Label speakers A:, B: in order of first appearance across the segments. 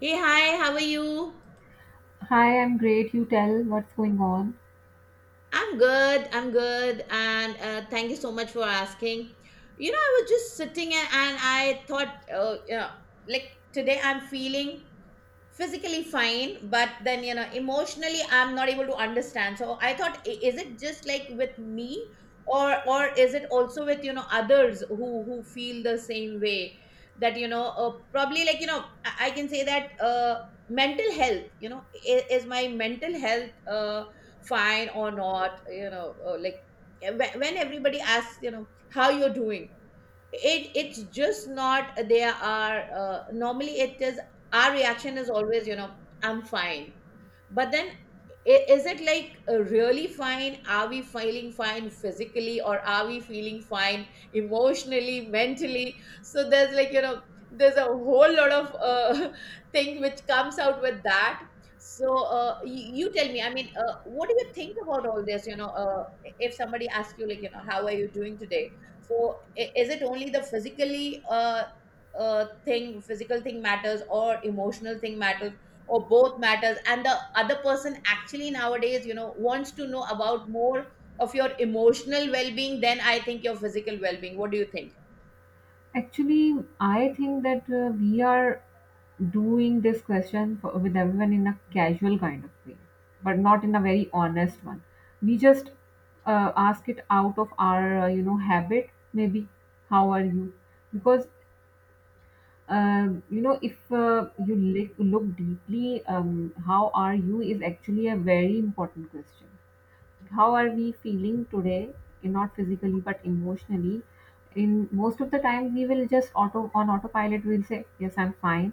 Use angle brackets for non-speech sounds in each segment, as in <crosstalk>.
A: Hey, hi, how are you?
B: Hi, I'm great. You tell what's going on.
A: I'm good, and thank you so much for asking. You know, I was just sitting and I thought, you know, like today I'm feeling physically fine, but then you know emotionally I'm not able to understand. So I thought, is it just like with me, or is it also with you know others who feel the same way? That you know probably like you know I can say that mental health you know is my mental health fine or not, you know, like yeah, when everybody asks you know how you're doing, it's just not, there are normally it is, our reaction is always you know I'm fine. But then, is it like really fine? Are we feeling fine physically, or are we feeling fine emotionally, mentally? So there's like, you know, there's a whole lot of <laughs> thing which comes out with that. So you tell me, I mean, what do you think about all this? You know, if somebody asks you, like, you know, how are you doing today? So, is it only the physically, physical thing matters, or emotional thing matters? Or both matters, and the other person actually nowadays you know wants to know about more of your emotional well-being than I think your physical well-being? What do you think?
B: Actually, I think that we are doing this question for, with everyone in a casual kind of way, but not in a very honest one. We just ask it out of our, habit. Maybe, how are you? Because, if you look deeply, how are you is actually a very important question. How are we feeling today, and not physically but emotionally? In most of the time, we will just auto on autopilot we'll say, yes, I'm fine.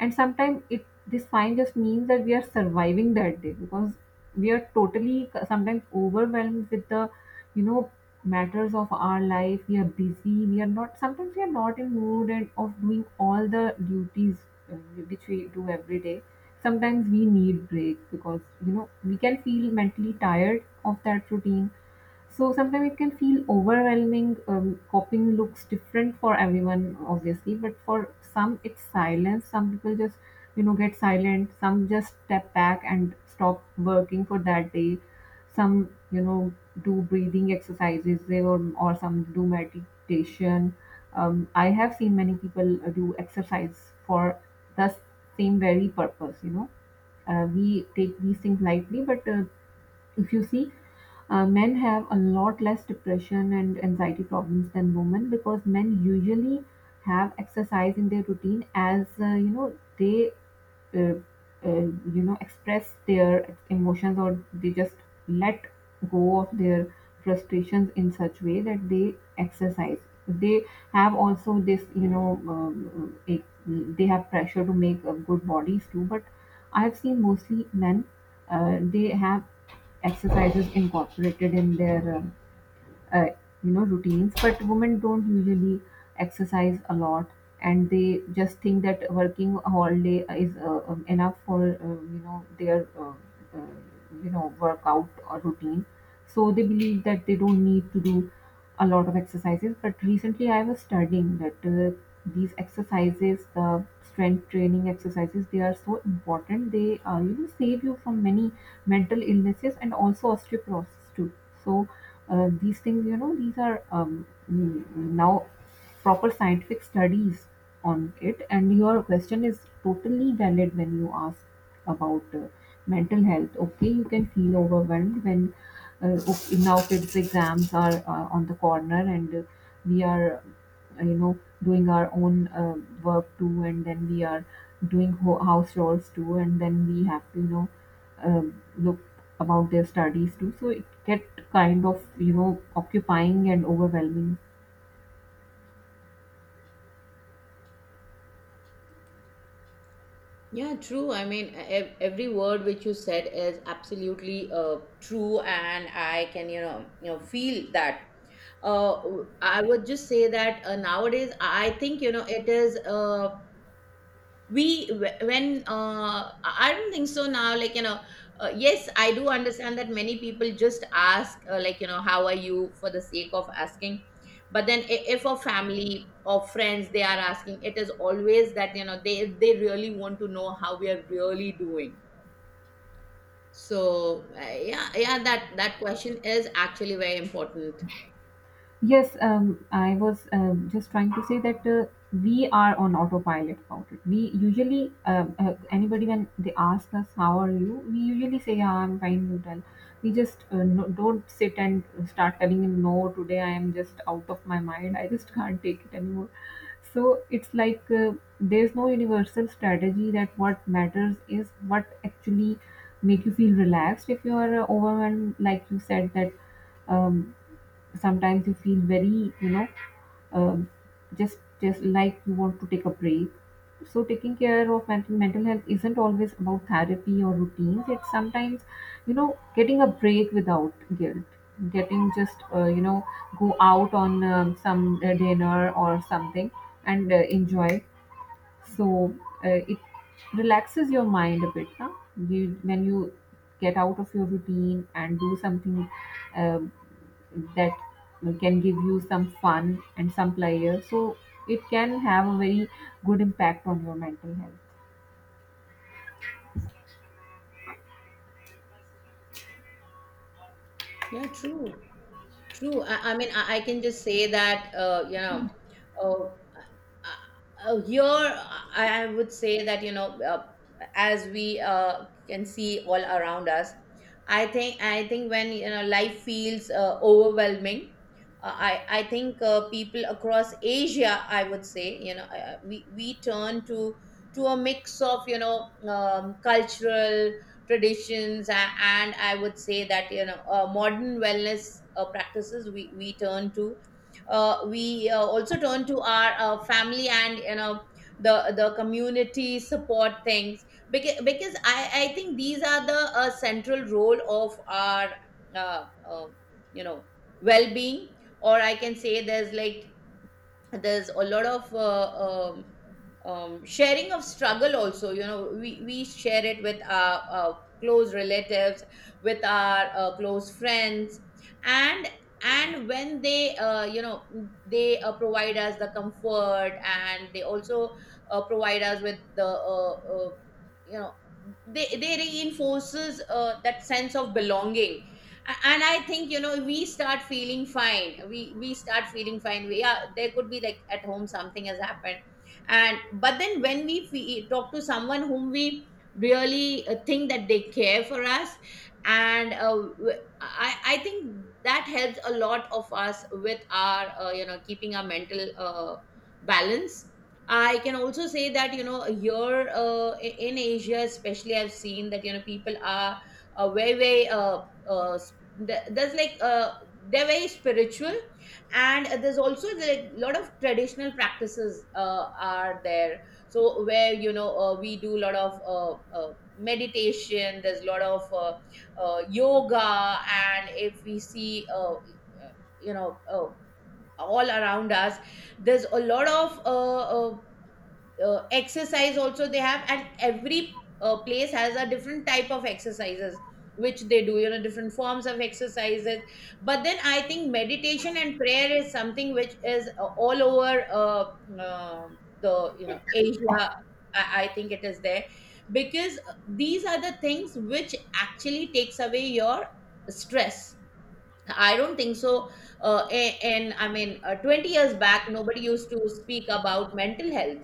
B: And sometimes it this fine just means that we are surviving that day, because we are totally sometimes overwhelmed with the you know matters of our life. We are busy, we are not in mood and of doing all the duties, uh, which we do every day. Sometimes we need break, because we can feel mentally tired of that routine. So sometimes it can feel overwhelming. Coping looks different for everyone, obviously, but for some it's silence. Some people just, get silent. Some just step back and stop working for that day. Some, do breathing exercises, or some do meditation. I have seen many people do exercise for the same very purpose. We take these things lightly, but if you see, men have a lot less depression and anxiety problems than women, because men usually have exercise in their routine, as they uh, uh, express their emotions, or they just let go of their frustrations in such way that they exercise. They have also this, they have pressure to make good bodies too. But I have seen mostly men, they have exercises incorporated in their uh, routines. But women don't usually exercise a lot, and they just think that working all day is enough for their uh, workout or routine. So they believe that they don't need to do a lot of exercises. But recently I was studying that, these exercises, the strength training exercises, they are so important. They save you from many mental illnesses, and also osteoporosis too. So these things, these are now proper scientific studies on it. And your question is totally valid when you ask about mental health. Okay, you can feel overwhelmed when, okay, now kids exams are on the corner, and we are uh, you know doing our own work too. And then we are doing house chores too. And then we have to, look about their studies too. So it get kind of, occupying and overwhelming.
A: Yeah, true. I mean, every word which you said is absolutely uh, true, and I can, you know, feel that. Uh, I would just say that nowadays, I think you know it is. We wh- when I don't think so now, like you know, yes, I do understand that many people just ask like you know how are you, for the sake of asking. But then, if a family or friends they are asking, it is always that you know they really want to know how we are really doing. So yeah, that question is actually very important.
B: Yes, I was just trying to say that we are on autopilot about it. We usually, anybody when they ask us how are you, we usually say, yeah, I'm fine, you tell. We just, no, don't sit and start telling him, no, today I am just out of my mind, I just can't take it anymore. So it's like, there's no universal strategy, that what matters is what actually make you feel relaxed if you are overwhelmed, like you said that, um, sometimes you feel very, um, just like you want to take a break. So taking care of mental health isn't always about therapy or routines. It's sometimes, getting a break without guilt, getting just, go out on some dinner or something, and enjoy. So it relaxes your mind a bit. Now when you get out of your routine and do something um that can give you some fun and some pleasure, so it can have a very good impact on your mental health.
A: Yeah, true, true. I mean I can just say that you know, uh, here I would say that you know, uh, as we uh, can see all around us, I think when you know life feels overwhelming, uh, I I think people across Asia, I would say you know, we turn to a mix of you know, cultural traditions, and I would say that you know modern wellness practices, we turn to, we also turn to our family, and you know the community support things. Because I think these are the central role of our uh, uh, you know well-being. Or I can say there's like, there's a lot of sharing of struggle also, you know, we share it with our, close relatives, with our close friends. and and when they you know, they provide us the comfort, and they also provide us with the uh, you know, they reinforces that sense of belonging. And I think you know we start feeling fine, we start feeling fine. We are, there could be like at home something has happened, and but then when we talk to someone whom we really think that they care for us, and I think that helps a lot of us with our you know keeping our mental balance. I can also say that you know here in Asia especially, I've seen that you know people are uh, very very uh, uh, there's like they're very spiritual. And there's also a lot of traditional practices are there. So where you know we do a lot of meditation, there's a lot of yoga. And if we see you know all around us, there's a lot of exercise also they have. And every place has a different type of exercises which they do, you know, different forms of exercises. But then I think meditation and prayer is something which is all over uh, the you know Asia, I think it is there. Because these are the things which actually takes away your stress. I don't think so. And I mean 20 years back nobody used to speak about mental health.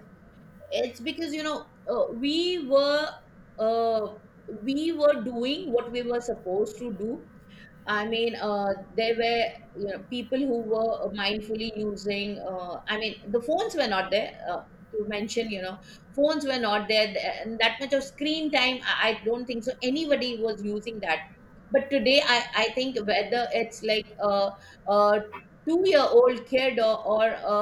A: It's because you know uh, we were doing what we were supposed to do. I mean, there were you know people who were mindfully using. I mean, the phones were not there. To mention, you know, phones were not there, and that much of screen time. I don't think so. Anybody was using that. But today, I think whether it's like a 2 year old kid, or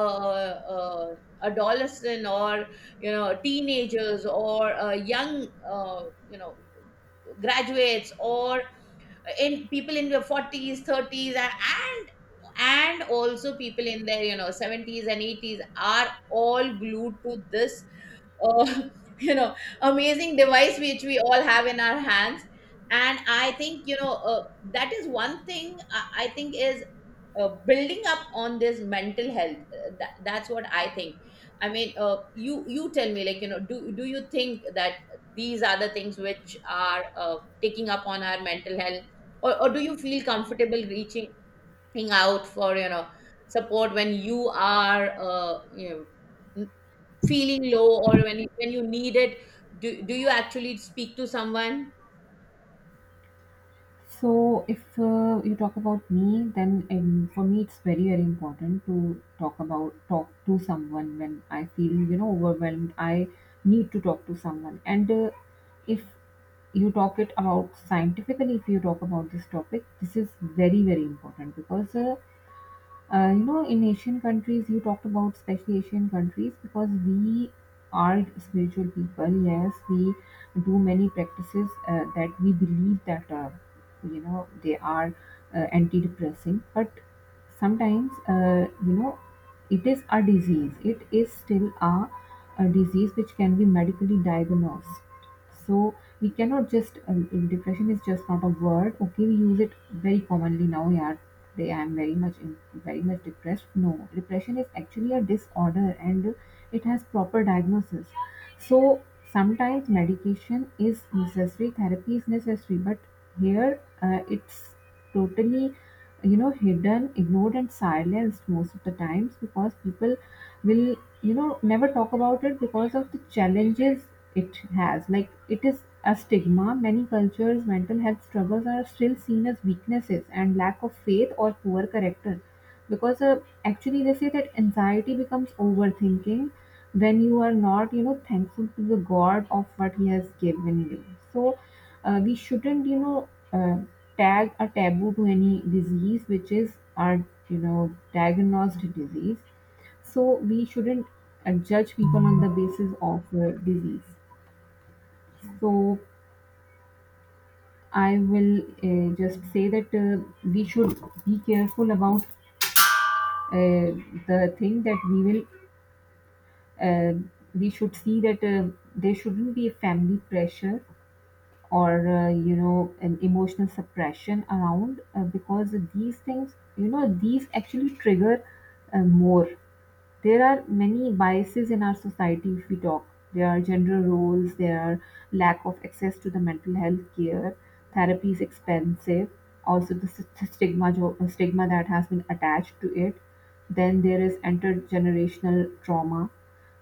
A: a adolescent, or you know teenagers, or young you know graduates, or in people in their 40s, 30s, and also people in their you know 70s and 80s are all glued to this uh, <laughs> you know amazing device which we all have in our hands. And I think you know that is one thing I think is building up on this mental health, that's what I think. I mean, you tell me, like you know, do you think that these are the things which are taking up on our mental health? Or do you feel comfortable reaching out for you know support when you are you know, n- feeling low, or when you need it? Do, do you actually speak to someone?
B: So, if you talk about me, then for me it's very, very important to talk to someone when I feel, overwhelmed. I need to talk to someone. And if you talk it about scientifically, if you talk about this topic, this is very, very important, because in Asian countries, you talked about especially Asian countries, because we are spiritual people. Yes, we do many practices, that we believe that, they are antidepressant. But sometimes, it is a disease. It is still a disease which can be medically diagnosed. So we cannot just, if depression is just not a word. Okay, we use it very commonly now. Yeah, they I am very very much depressed. No, depression is actually a disorder and it has proper diagnosis. So sometimes medication is necessary, therapy is necessary, but here, it's totally, hidden, ignored and silenced most of the times, because people will, never talk about it because of the challenges it has. Like, it is a stigma. Many cultures mental health struggles are still seen as weaknesses and lack of faith or poor character, because, actually they say that anxiety becomes overthinking when you are not, thankful to the god of what he has given you. So, we shouldn't, uh, tag a taboo to any disease which is our, diagnosed disease. So we shouldn't judge people on the basis of disease. So I will just say that, we should be careful about uh, the thing that we will. Uh, we should see that, there shouldn't be a family pressure, or, an emotional suppression around, because these things, these actually trigger more. There are many biases in our society, if we talk. There are gender roles, there are lack of access to the mental health care, therapy is expensive, also the stigma, stigma that has been attached to it. Then there is intergenerational trauma.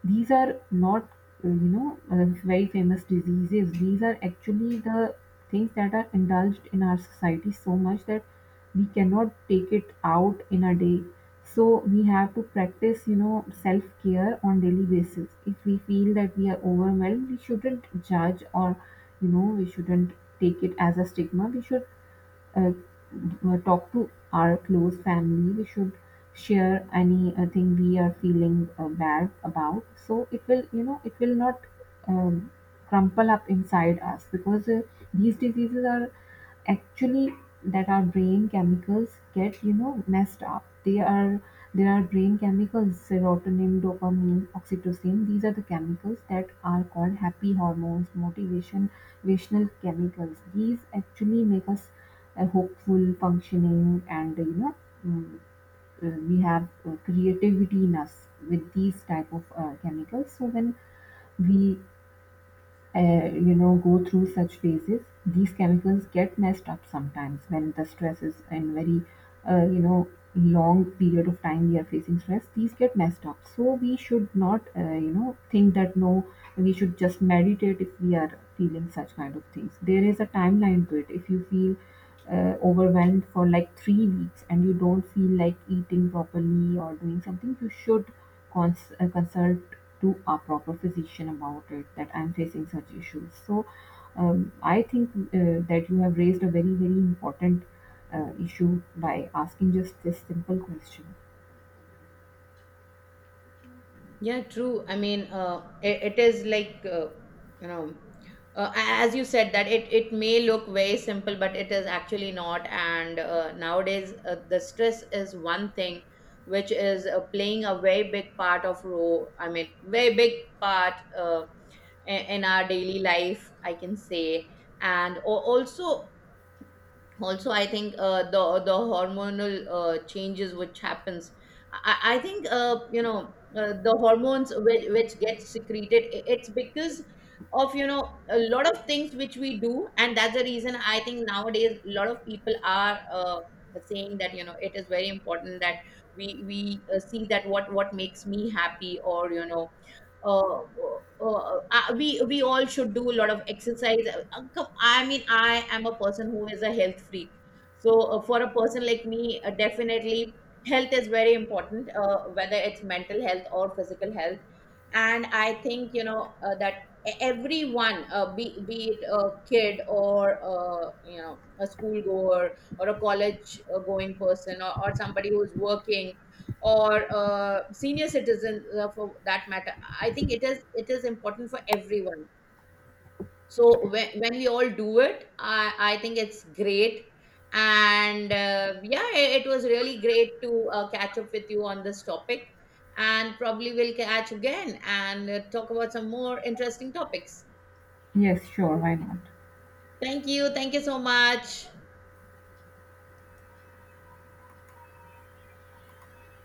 B: These are not, very famous diseases. These are actually the things that are indulged in our society so much that we cannot take it out in a day. So we have to practice, self care on daily basis. If we feel that we are overwhelmed, we shouldn't judge, or, we shouldn't take it as a stigma. We should, uh, talk to our close family. We should share any thing we are feeling bad about. So it will not um, crumple up inside us, because, these diseases are actually that our brain chemicals get, messed up. They are There are brain chemicals, serotonin, dopamine, oxytocin. These are the chemicals that are called happy hormones, motivational chemicals. These actually make us hopeful, functioning, and, mm, we have creativity in us with these type of chemicals. So when we, go through such phases, these chemicals get messed up. Sometimes when the stress is in very, uh, you know long period of time we are facing stress, these get messed up. So we should not, think that no, we should just meditate if we are feeling such kind of things. There is a timeline to it. If you feel overwhelmed for like 3 weeks, and you don't feel like eating properly or doing something, you should consult to a proper physician about it, that I'm facing such issues. So, I think, that you have raised a very, very important issue by asking just this simple question.
A: Yeah, true. I mean, it, it is like you know, as you said that it may look very simple, but it is actually not. And nowadays, the stress is one thing which is playing a very big part of role. I mean, very big part in our daily life, I can say. And also, also I think the hormonal changes which happens, I think you know the hormones which get secreted, it's because of you know a lot of things which we do. And that's the reason I think nowadays a lot of people are saying that you know it is very important that we see that what makes me happy, or you know we all should do a lot of exercise. I mean, I am a person who is a health freak. So for a person like me, definitely health is very important, whether it's mental health or physical health. And I think you know that everyone, be it a kid, or you know a school goer, or a college going person, or somebody who's working, or senior citizens for that matter, I think it is, it is important for everyone. So when we all do it, I think it's great. And yeah, it was really great to catch up with you on this topic. And probably we'll catch again and talk about some more interesting topics.
B: Yes, sure, why not?
A: Thank you. Thank you so much.